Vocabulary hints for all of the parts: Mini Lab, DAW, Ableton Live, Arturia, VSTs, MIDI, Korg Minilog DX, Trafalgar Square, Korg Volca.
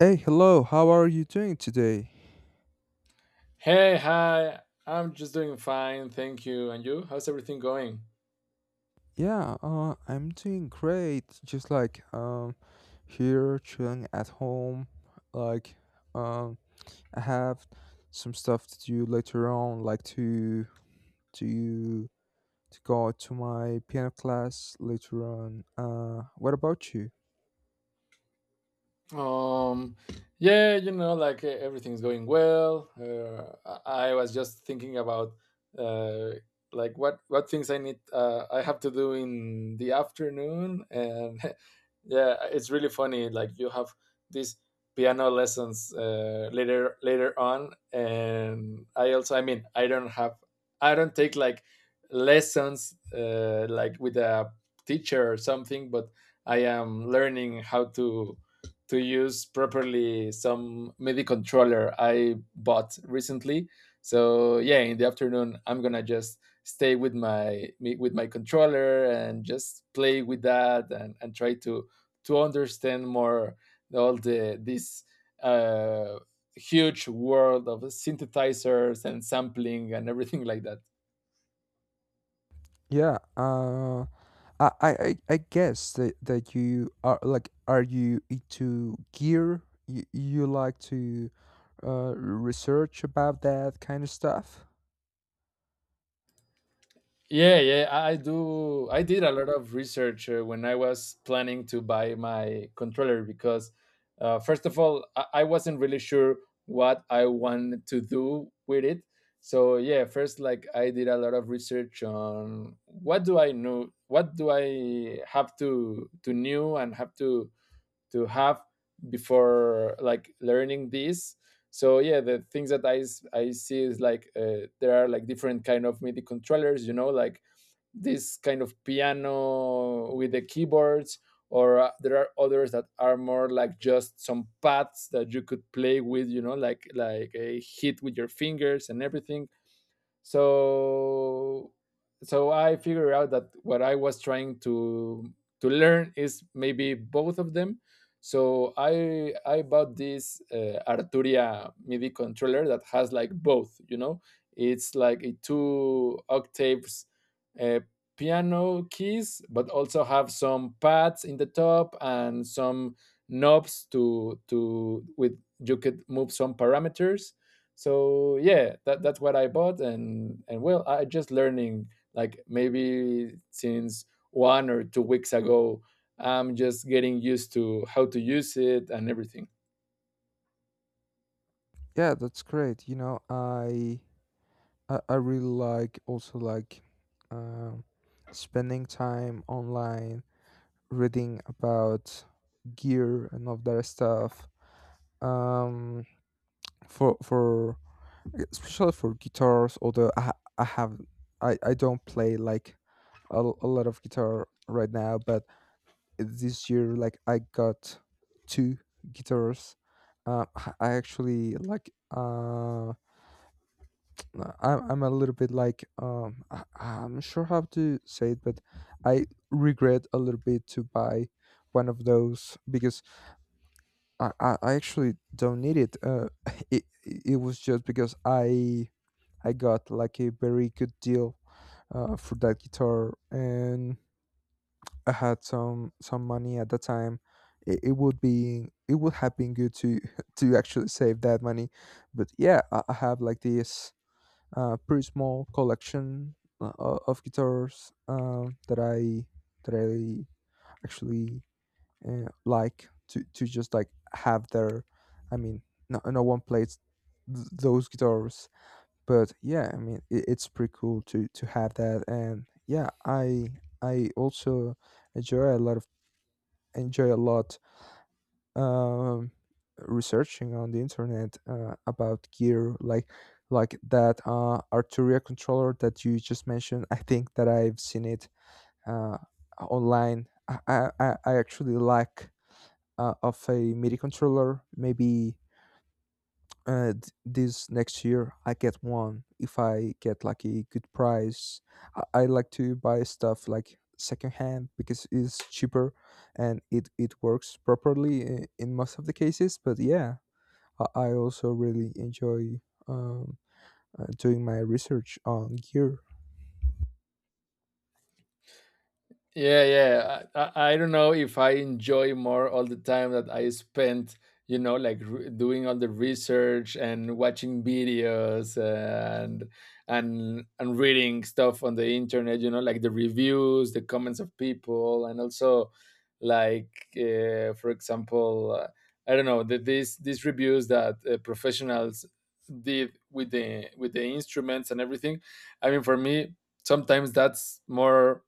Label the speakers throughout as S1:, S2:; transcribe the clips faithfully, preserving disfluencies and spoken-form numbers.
S1: Hey, hello. How are you doing today?
S2: Hey, hi. I'm just doing fine, thank you. And you? How's everything going?
S1: Yeah, uh, I'm doing great. Just like um, here chilling at home. Like um, I have some stuff to do later on, like to to to go to my piano class later on. Uh, what about you?
S2: Um, yeah, you know, like eh, everything's going well. Uh, I I was just thinking about uh, like what what things I need uh, I have to do in the afternoon, and yeah, it's really funny. Like you have these piano lessons uh, later later on, and I also, I mean, I don't have, I don't take like lessons uh, like with a teacher or something, but I am learning how to to use properly some M I D I controller I bought recently. So yeah, in the afternoon I'm gonna just stay with my me- with my controller and just play with that and, and try to to understand more all the this uh, huge world of synthesizers and sampling and everything like that.
S1: Yeah. Uh, I, I, I I guess that, that you are like, are you into gear? You, you like to uh, research about that kind of stuff?
S2: Yeah, yeah, I I do. I did a lot of research uh, when I was planning to buy my controller because, uh, first of all, I, I wasn't really sure what I wanted to do with it. So yeah, first, like I did a lot of research on what do I know, what do I have to to know and have to to have before like learning this. So yeah, the things that I s- I see is like uh, there are like different kind of M I D I controllers, you know, like this kind of piano with the keyboards or uh, there are others that are more like just some pads that you could play with, you know, like like a hit with your fingers and everything. So so I figured out that what I was trying to to learn is maybe both of them. So i i bought this uh, Arturia MIDI controller that has like both, you know. It's like a two octaves uh, piano keys, but also have some pads in the top and some knobs to to with you could move some parameters. So yeah, that, that's what I bought. and and well, I just learning like maybe since one or two weeks ago. I'm just getting used to how to use it and everything.
S1: Yeah, that's great. You know, I I, I really like also like um, spending time online, reading about gear and all that stuff. Um, for for especially for guitars, although I ha- I have I I don't play like a, l- a lot of guitar right now, but this year, like, I got two guitars, uh, I actually like, uh, no, I'm, I'm a little bit like, um, I, I'm not sure how to say it, but I regret a little bit to buy one of those because i, I I actually don't need it. Uh, it it was just because i i got like a very good deal, uh, for that guitar, and I had some some money at the time. It, it would be it would have been good to to actually save that money. But yeah, I, I have like this, uh, pretty small collection, uh, o- of guitars, um, that I that I actually, uh, like to to just like have their. I mean, no no one plays th- those guitars, but yeah, I mean it, it's pretty cool to to have that and. Yeah, I I also enjoy a lot of enjoy a lot, um, researching on the internet, uh, about gear, like like that, uh, Arturia controller that you just mentioned. I think that I've seen it uh, online. I, I, I I actually lack, uh, of a MIDI controller. Maybe, uh, th- this next year I get one if I get like a good price. I, I like to buy stuff like secondhand because it's cheaper, and it, it works properly in, in most of the cases. But yeah, I, I also really enjoy, um, uh, doing my research on gear.
S2: Yeah, yeah. I, I, I don't know if I enjoy more all the time that I spent, you know, like re- doing all the research and watching videos and and and reading stuff on the internet, you know, like the reviews, the comments of people, and also like uh, for example, uh, I don't know, the, these these reviews that uh, professionals did with the with the instruments and everything. I mean, for me, sometimes that's more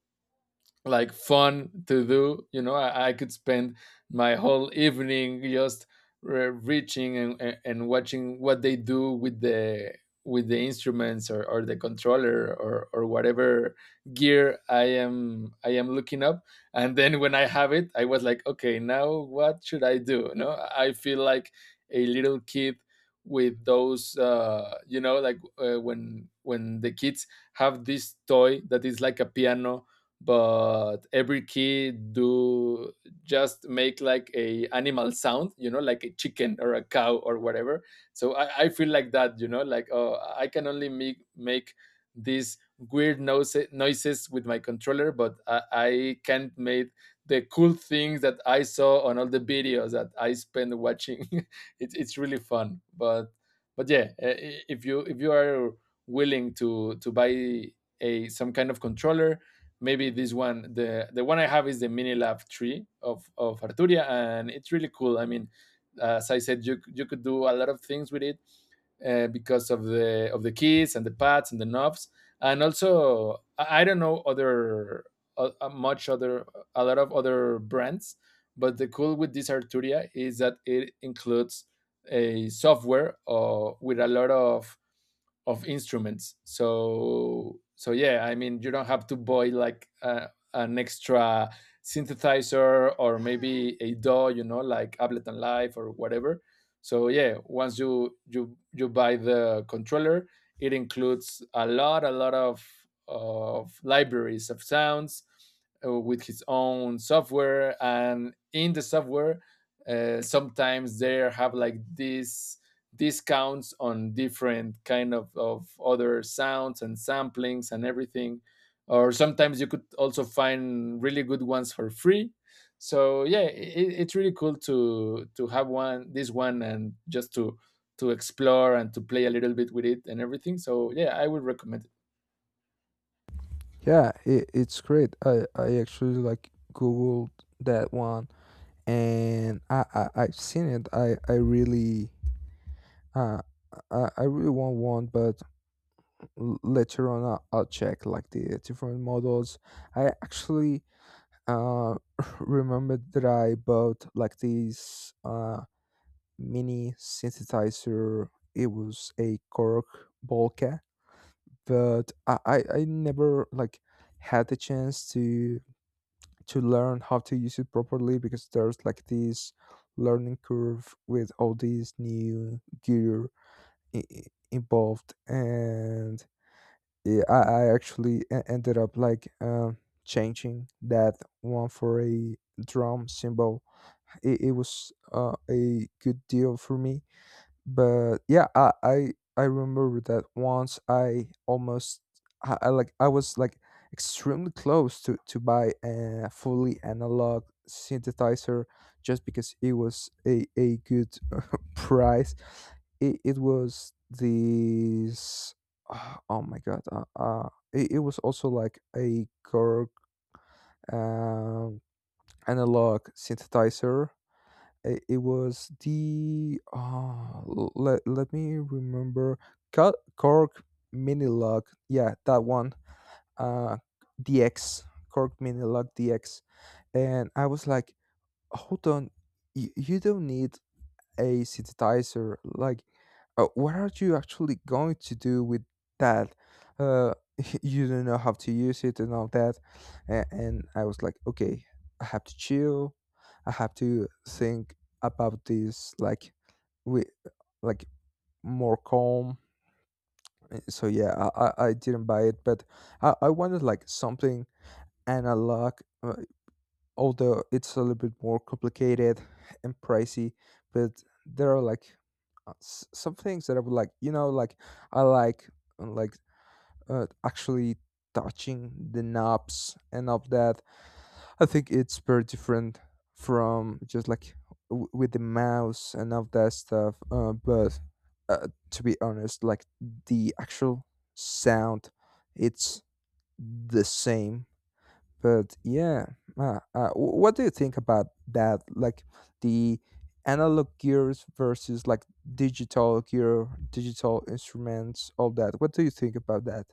S2: like fun to do, you know, i, I could spend my whole evening just re- reaching and, and and watching what they do with the with the instruments, or, or the controller, or, or whatever gear i am I am looking up. And then when I have it, I was like, okay, now what should I do? You know, I feel like a little kid with those uh you know, like uh, when when the kids have this toy that is like a piano, but every kid do just make like a animal sound, you know, like a chicken or a cow or whatever. So i, I feel like that, you know, like oh, I can only make make these weird noise, noises with my controller, but i, I can't make the cool things that I saw on all the videos that I spend watching. it's, it's really fun but but yeah, eh, if you if you are willing to to buy a some kind of controller. Maybe this one, the the one I have, is the Mini Lab Tree of of Arturia, and it's really cool. I mean, as I said, you you could do a lot of things with it, uh, because of the of the keys and the pads and the knobs. And also i, I don't know other uh, uh, much other a lot of other brands. But the cool with this Arturia is that it includes a software uh, with a lot of of instruments. So so yeah, I mean, you don't have to buy like uh, an extra synthesizer or maybe a DAW, you know, like Ableton Live or whatever. So yeah, once you you you buy the controller, it includes a lot a lot of of libraries of sounds uh, with his own software. And in the software, uh, sometimes there have like this discounts on different kind of, of other sounds and samplings and everything, or sometimes you could also find really good ones for free. So yeah, it, it's really cool to to have one this one and just to to explore and to play a little bit with it and everything. So yeah, I would recommend it.
S1: Yeah, it, it's great. I, I actually like googled that one, and I, I I've seen it. I I really uh I I really want one, but l- later on, I'll, I'll check like the, uh, different models. I actually uh remembered that I bought like this uh mini synthesizer. It was a Korg Volca, but I, I i never like had the chance to to learn how to use it properly because there's like this learning curve with all these new gear i- i- involved, and yeah, I, I actually e- ended up like, um, changing that one for a drum symbol. It, it was, uh, a good deal for me, but yeah, I I, I remember that once I almost, I, I like I was like extremely close to to buy a fully analog synthesizer just because it was a a good price. It, it was this. ah, Oh my god! Uh, uh, it, it was also like a Korg, um, analog synthesizer. It, it was the, uh, let let me remember. Ko- Korg Minilog. Yeah, that one. Uh, D X. Korg Minilog D X, and I was like, hold on, you, you don't need a acidizer, like, uh, what are you actually going to do with that? uh you don't know how to use it and all that. And, and I was like, okay, I have to chill, I have to think about this like we, like, more calm. Uh, so yeah, i i, I didn't buy it, but I, I wanted like something analog, uh, although it's a little bit more complicated and pricey, but there are like, uh, s- some things that I would like, you know, like I like, uh, like uh, actually touching the knobs and of that. I think it's very different from just like, w- with the mouse and of that stuff, uh, but, uh, to be honest, like, the actual sound, it's the same. But yeah, uh, uh, wh- what do you think about that? Like, the analog gears versus like digital gear, digital instruments, all that. What do you think about that?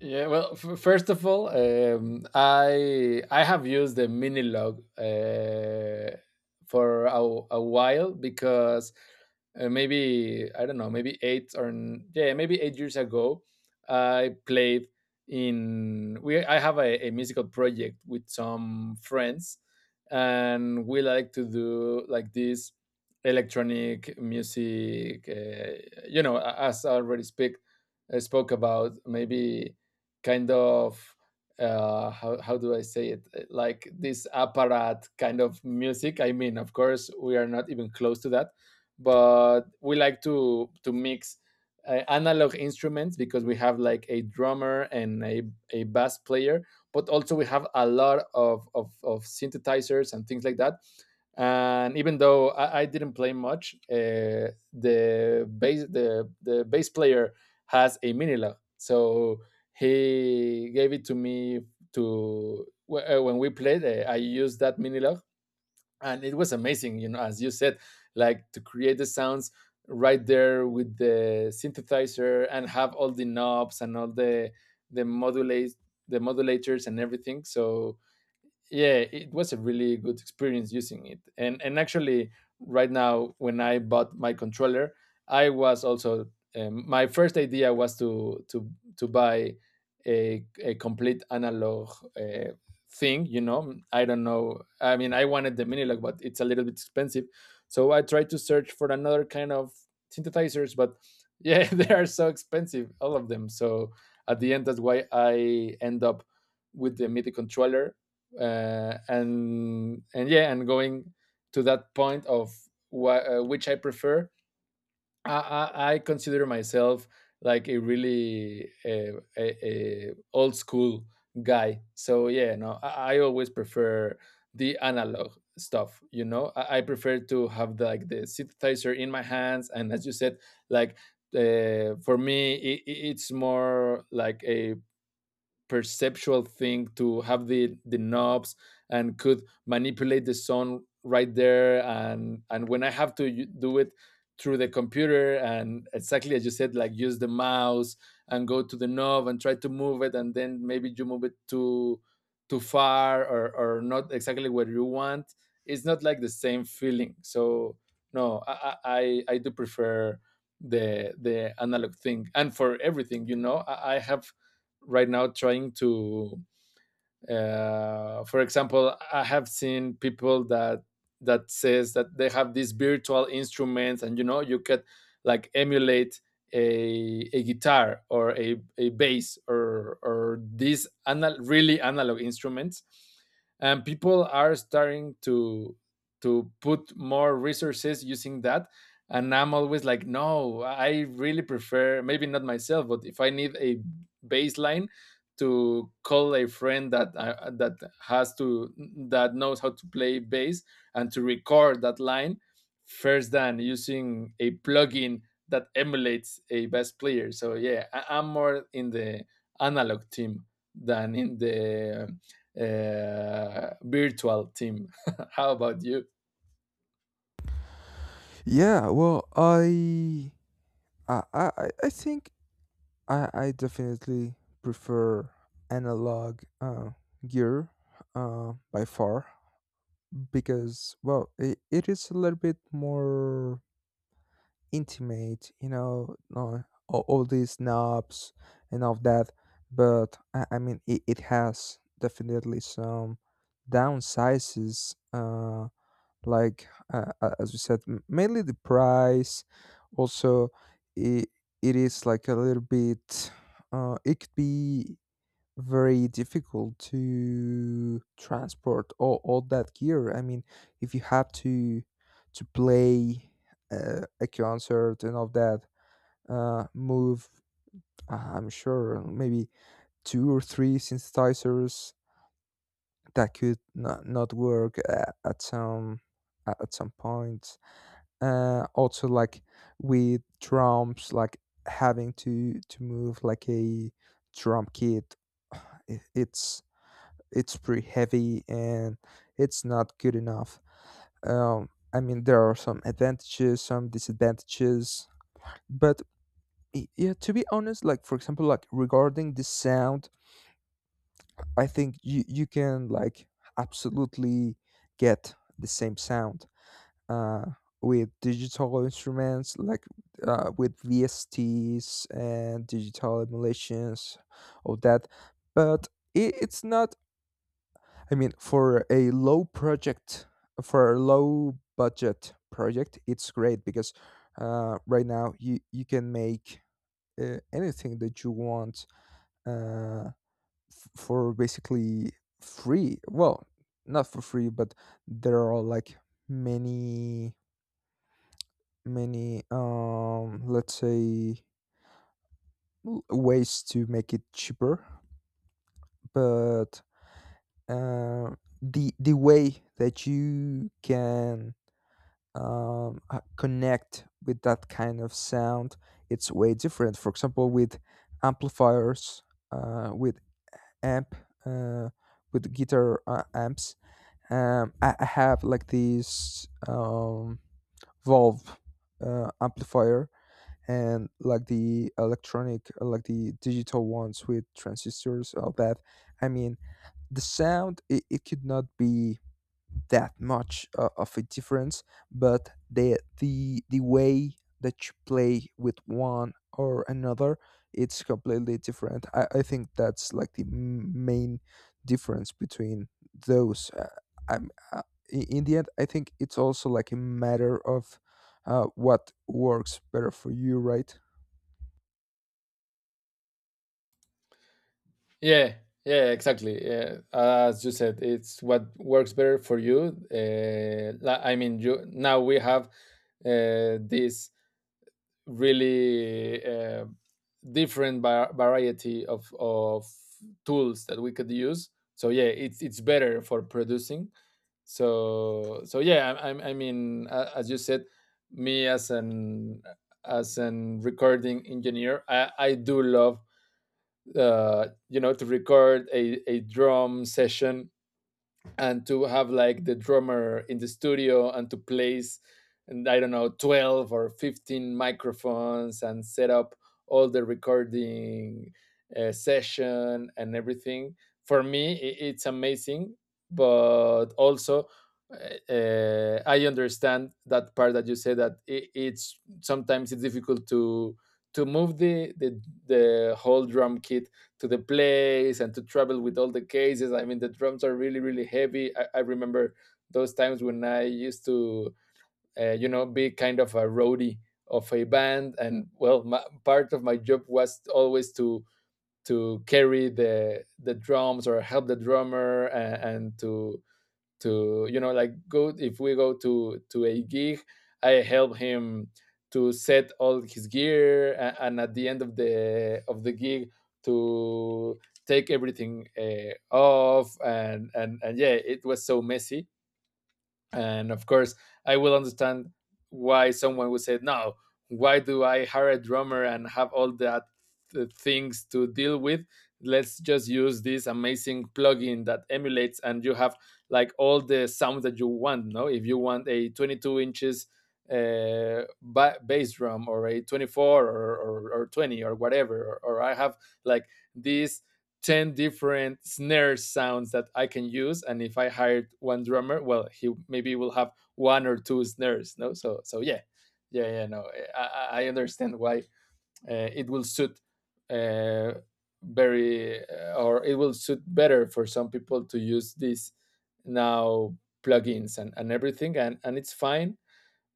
S2: Yeah, well, f- first of all, um, I I have used the Mini Log uh, for a, a while. Because uh, maybe I don't know, maybe eight or n- yeah, maybe eight years ago, I played in we I have a, a musical project with some friends, and we like to do like this electronic music. Uh, you know, a- as I already speak, I spoke about maybe kind of uh how, how do I say it? Uh, like this Apparat kind of music. I mean, of course we are not even close to that, but we like to to mix uh, analog instruments. Because we have like a drummer and a, a bass player, but also we have a lot of, of of synthesizers and things like that. And even though I, I didn't play much, uh, the bass the the bass player has a Mini Log, so he gave it to me to wh- uh, when we played, uh, I used that Mini Log, and it was amazing. You know, as you said, like to create the sounds right there with the synthesizer and have all the knobs and all the the modulate the modulators and everything. So yeah, it was a really good experience using it. and and actually, right now, when I bought my controller, I was also um, my first idea was to to to buy a, a complete analog uh, thing. You know, I don't know, I mean, I wanted the Minilog, but it's a little bit expensive. So I tried to search for another kind of synthesizers, but yeah, they are so expensive all of them. So at the end, that's why I end up with the MIDI controller. uh, and and yeah, and going to that point of wh- uh, which I prefer. I, I i consider myself like a really uh, a, a old school guy. So yeah, no, I, I always prefer the analog stuff. You know, I, I prefer to have the, like the synthesizer in my hands. And as you said, like uh, for me it, it's more like a perceptual thing to have the the knobs and could manipulate the sound right there. and and when I have to u- do it through the computer, and exactly as you said, like use the mouse and go to the knob and try to move it. And then maybe you move it too too far, or or not exactly what you want. It's not like the same feeling. So no, i i, I I do prefer the the analog thing. And for everything, you know, i, I have right now trying to uh, for example, I have seen people that that says that they have these virtual instruments. And you know, you could like emulate a, a guitar, or a, a bass, or or these anal- really analog instruments. And people are starting to to put more resources using that. And I'm always like, no, I really prefer. Maybe not myself, but if I need a bass line, to call a friend that uh, that has to that knows how to play bass, and to record that line first than using a plugin that emulates a bass player. So yeah, I, I'm more in the analog team than in the uh, virtual team. How about you?
S1: Yeah, well, I Uh, I I I think I I definitely prefer analog, uh, gear, uh, by far, because, well, it, it is a little bit more intimate, you know, no, all, all these knobs and all that. But I, I mean, it, it has definitely some downsizes, uh, like uh, uh, as we said, m- mainly the price. Also, it, it is like a little bit. Uh, it could be very difficult to transport all, all that gear. I mean, if you have to to play, uh, a concert and all that, uh, move, uh, I'm sure maybe two or three synthesizers that could not, not work at, at some at at some point. Uh, also, like, with drums, like having to to move like a drum kit. it, it's it's pretty heavy and it's not good enough. Um, I mean, there are some advantages, some disadvantages, but, y- yeah, to be honest, like, for example, like, regarding the sound, I think you you can like absolutely get the same sound, uh, with digital instruments, like, uh, with V S Ts and digital emulations of that, but it, it's not. I mean, for a low project, for a low budget project, it's great because, uh, right now you you can make, uh, anything that you want, uh, f- for basically free. Well, not for free, but there are like, many many, um let's say, w- ways to make it cheaper, but, uh, the the way that you can, um, uh, connect with that kind of sound. It's way different. For example, with amplifiers, uh, with amp, uh, with guitar, uh, amps, um, I, I have like this, um, Valve, uh, amplifier, and like the electronic, uh, like the digital ones with transistors, all that. I mean, the sound, it, it could not be that much, uh, of a difference, but the the the way that you play with one or another, it's completely different. I, I think that's like the, m- main difference between those. Uh, I'm, uh, i- in the end, I think it's also like a matter of, uh, what works better for you, right?
S2: Yeah, yeah, exactly. Yeah. As you said, it's what works better for you. Uh, la- I mean, you now we have uh, this really uh, different va- variety of of tools that we could use. So yeah, it's it's better for producing. So so yeah, I, I, I mean, a- as you said, me as an as an recording engineer, I, I do love uh, you know to record a, a drum session and to have like the drummer in the studio and to place and I don't know twelve or fifteen microphones and set up all the recording uh, session and everything for me i- it's amazing, but also, uh, uh, I understand that part that you say that I it's sometimes it's difficult to to move the the, the whole drum kit to the place and to travel with all the cases. I mean, the drums are really, really heavy. I, I remember those times when I used to, uh, you know, be kind of a roadie of a band, and well, my, part of my job was always to to carry the the drums or help the drummer and, and to to you know like go, if we go to to a gig, I help him to set all his gear and, and at the end of the of the gig to take everything uh, off, and and and yeah, it was so messy. And of course, I will understand why someone would say, no, why do I hire a drummer and have all that th- things to deal with? Let's just use this amazing plugin that emulates, and you have like all the sounds that you want. No, if you want a twenty-two inches uh, ba- bass drum or a twenty-four or, or, or twenty or whatever, or, or I have like this ten different snare sounds that I can use. And if I hired one drummer, well, he maybe will have one or two snares. No, so so yeah, yeah, yeah. No, eh, I, I understand why uh, it will suit uh, very uh, or it will suit better for some people to use these now plugins and, and everything, and, and it's fine.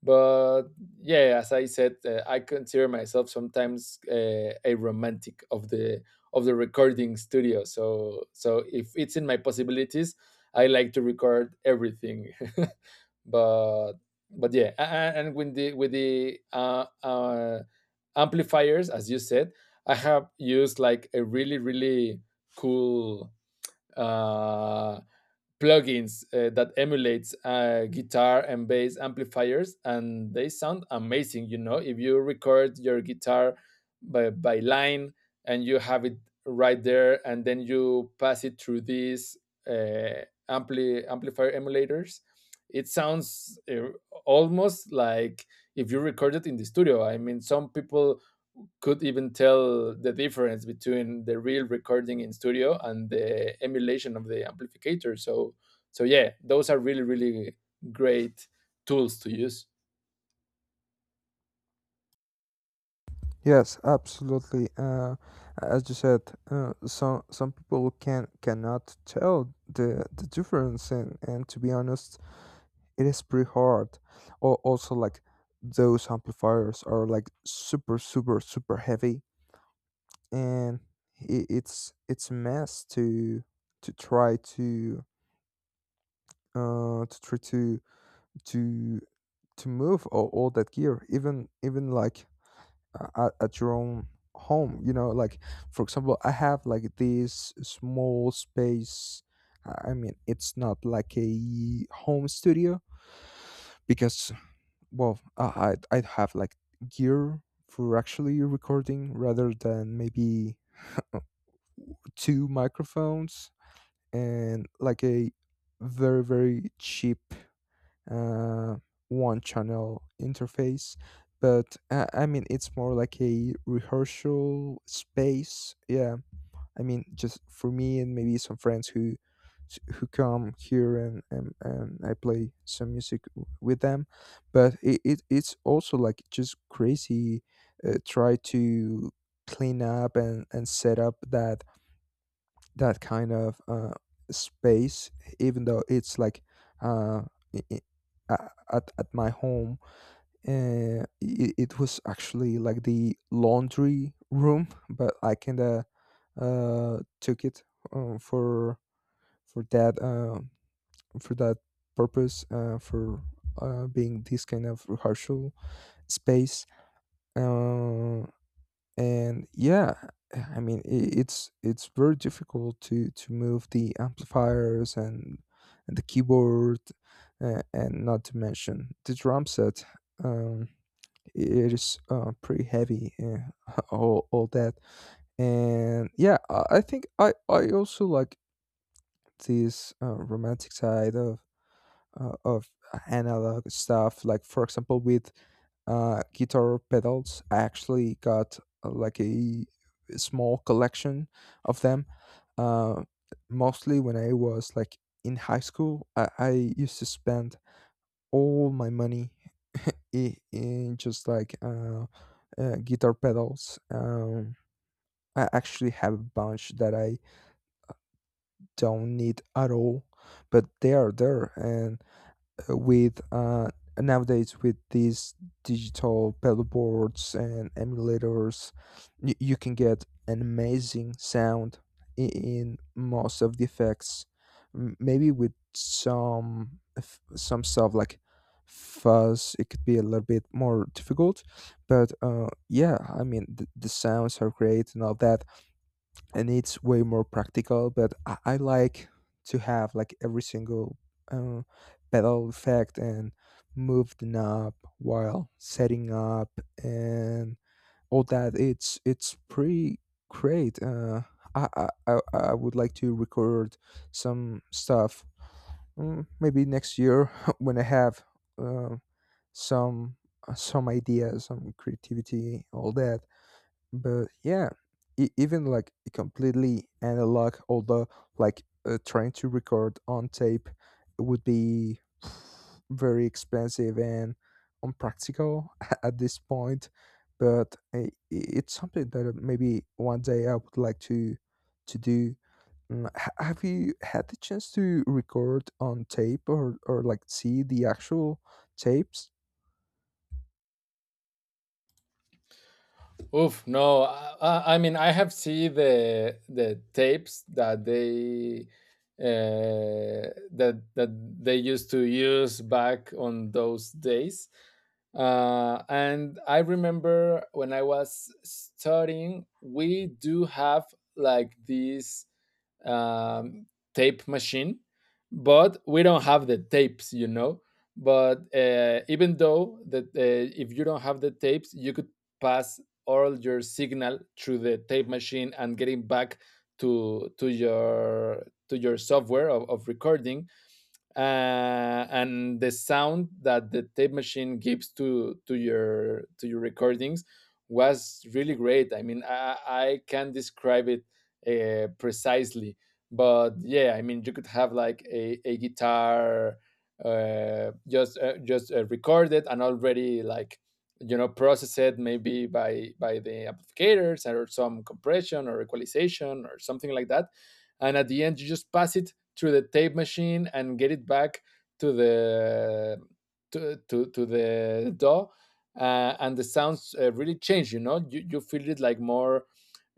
S2: But yeah, as I said, uh, I consider myself sometimes uh, a romantic of the of the recording studio. So so if it's in my possibilities, I like to record everything but but yeah, a- a- and with the with the uh, uh amplifiers, as you said, I have used like a really, really cool uh plugins uh, that emulates uh, guitar and bass amplifiers, and they sound amazing. You know, if you record your guitar by, by line and you have it right there, and then you pass it through these uh, ampli- amplifier emulators, it sounds uh, almost like if you record it in the studio. I mean, some people could even tell the difference between the real recording in studio and the emulation of the amplificator. So so yeah, those are really, really great tools to use.
S1: Yes, absolutely. Uh, as you said, uh, some some people can cannot tell the the difference, and and to be honest, it is pretty hard. Or also, like, those amplifiers are like super, super, super heavy, and I it's it's a mess to to try to, uh to try to to to move all, all that gear, even even like, uh, at, at your own home. You know, like, for example, I have like this small space. i I mean, it's not like a home studio because, well, uh, i i have like gear for actually recording rather than maybe two microphones and like a very, very cheap, uh, one channel interface. But, uh, I mean, it's more like a rehearsal space, yeah. I mean, just for me and maybe some friends who who come here, and, and, and I play some music, w- with them. But it, it, it's also like just crazy, uh, try to clean up, and, and set up that that kind of, uh, space, even though it's like, uh, i- i- a- at at my home. Uh, it, it was actually like the laundry room, but I kind of, uh, took it, um, for for that uh, for that purpose, uh, for uh, being this kind of rehearsal space. Uh, and yeah, I mean, i- it's it's very difficult to to move the amplifiers and and the keyboard, uh, and not to mention the drum set. um it is, uh, pretty heavy, uh, all, all that. And yeah, i I think i i also like this, uh, romantic side of, uh, of analog stuff, like, for example, with, uh, guitar pedals. I actually got, uh, like a small collection of them. Uh, Mostly when I was like in high school, I, I used to spend all my money i- in just like, uh, uh, guitar pedals. Um, I actually have a bunch that I don't need at all, but they are there, and, uh, with uh, nowadays with these digital pedal boards and emulators, y- you can get an amazing sound in, in most of the effects. M- Maybe with some f- some stuff like fuzz, it could be a little bit more difficult. But, uh, yeah, I mean the, the sounds are great and all that, and it's way more practical, but i, I like to have like every single, uh, pedal effect and move the knob while setting up and all that. It's it's pretty great, uh, I, I i I would like to record some stuff, mm, maybe next year, when I have, uh, some some ideas, some creativity, all that. But yeah, e- even like completely analog, although, like, uh, trying to record on tape would be very expensive and unpractical, at this point. But, uh, i- it's something that, uh, maybe one day I would like to to do. Mm, ha- have you had the chance to record on tape, or or like see the actual tapes?
S2: Oof, no. I, I mean, I have seen the the tapes that they uh, that that they used to use back on those days, uh, and I remember when I was studying, we do have like this um, tape machine, but we don't have the tapes, you know. But uh, even though that uh, if you don't have the tapes, you could pass all your signal through the tape machine and getting back to to your to your software of, of recording, uh, and the sound that the tape machine gives to to your to your recordings was really great. I mean, I, I can't describe it uh, precisely, but yeah, I mean, you could have like a, a guitar uh, just uh, just uh, recorded and already like you know processed maybe by by the amplificators or some compression or equalization or something like that, and at the end you just pass it through the tape machine and get it back to the to to, to the D A W. Uh, and the sounds uh, really change. You know, you, you feel it like more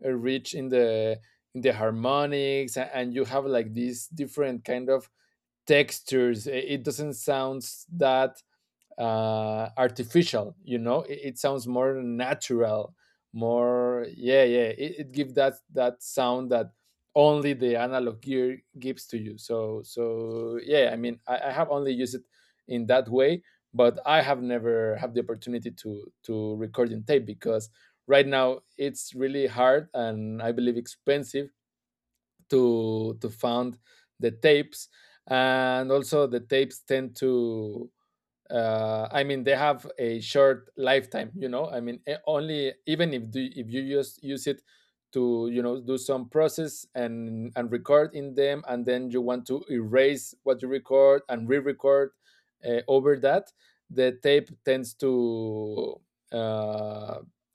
S2: uh, rich in the in the harmonics, and you have like these different kind of textures. It doesn't sound that uh, artificial. You know, it, it sounds more natural, more, yeah, yeah. It, it gives that that sound that only the analog gear gives to you. So so yeah, I mean, I, I have only used it in that way, but I have never had the opportunity to to record in tape because right now it's really hard, and I believe expensive to to find the tapes. And also the tapes tend to uh, I mean, they have a short lifetime. You know, I mean, e- only even if do, if you just use it to you know do some process and and record in them, and then you want to erase what you record and re-record uh, over that, the tape tends to uh,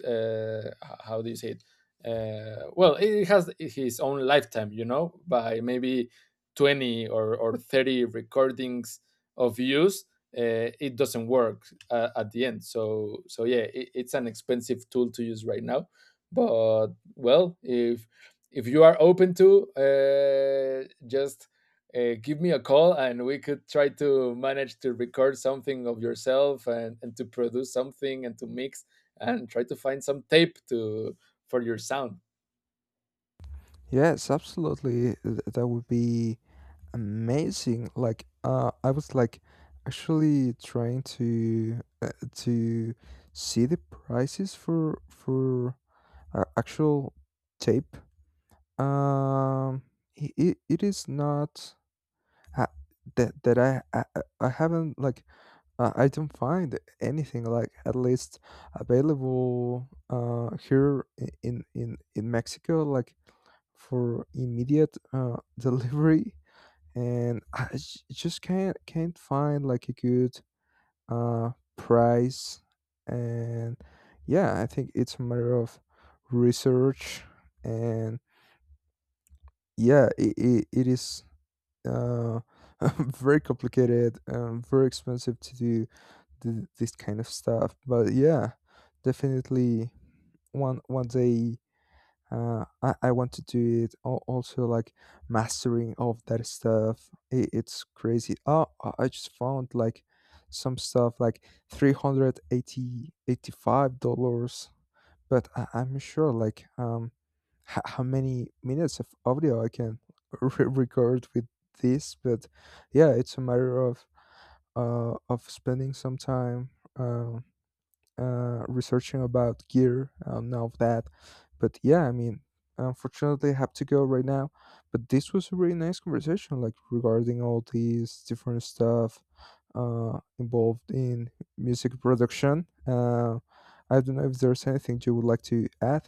S2: uh, how do you say it? Uh, well, it has his own lifetime, you know, by maybe twenty or or thirty recordings of use, uh, it doesn't work uh, at the end. So so yeah, it, it's an expensive tool to use right now. But well, if if you are open to, uh, just uh, give me a call, and we could try to manage to record something of yourself and, and to produce something and to mix and try to find some tape to for your sound.
S1: Yes, absolutely. Th- That would be amazing. Like, uh, I was like actually trying to, uh, to see the prices for for, uh, actual tape. Um, it, it, it is not, uh, that that I, I I I haven't like, uh, I don't find anything like at least available, uh, here, i- in in in Mexico, like, for immediate, uh, delivery, and I j- just can't can't find like a good, uh, price. And yeah, I think it's a matter of research, and yeah, it, it, it is, uh, very complicated, um, very expensive to do th- this kind of stuff. But yeah, definitely one one day, uh, I, I want to do it. Al- Also, like, mastering of that stuff, I it's crazy. Oh, I I just found like some stuff like three hundred eighty, eighty-five dollars, but I, I'm sure like, um h- how many minutes of audio I can re- record with this. But yeah, it's a matter of uh of spending some time. Um, uh, Researching about gear, um, and all of that. But yeah, I mean, unfortunately, I have to go right now. But this was a really nice conversation, like regarding all these different stuff, uh, involved in music production. Uh, I don't know if there's anything you would like to add.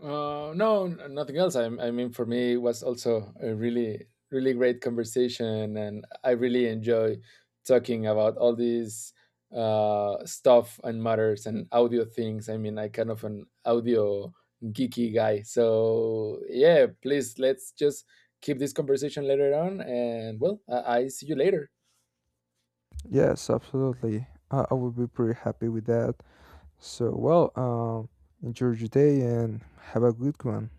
S2: Uh, no, n- nothing else. I, I mean, for me, it was also a really, really great conversation, and I really enjoy talking about all these uh, stuff and matters and audio things. I mean, I kind of an audio geeky guy, so yeah. Please, let's just keep this conversation later on, and well, I, I see you later.
S1: Yes, absolutely. I, I would be pretty happy with that. So, well, um, enjoy your day and have a good one.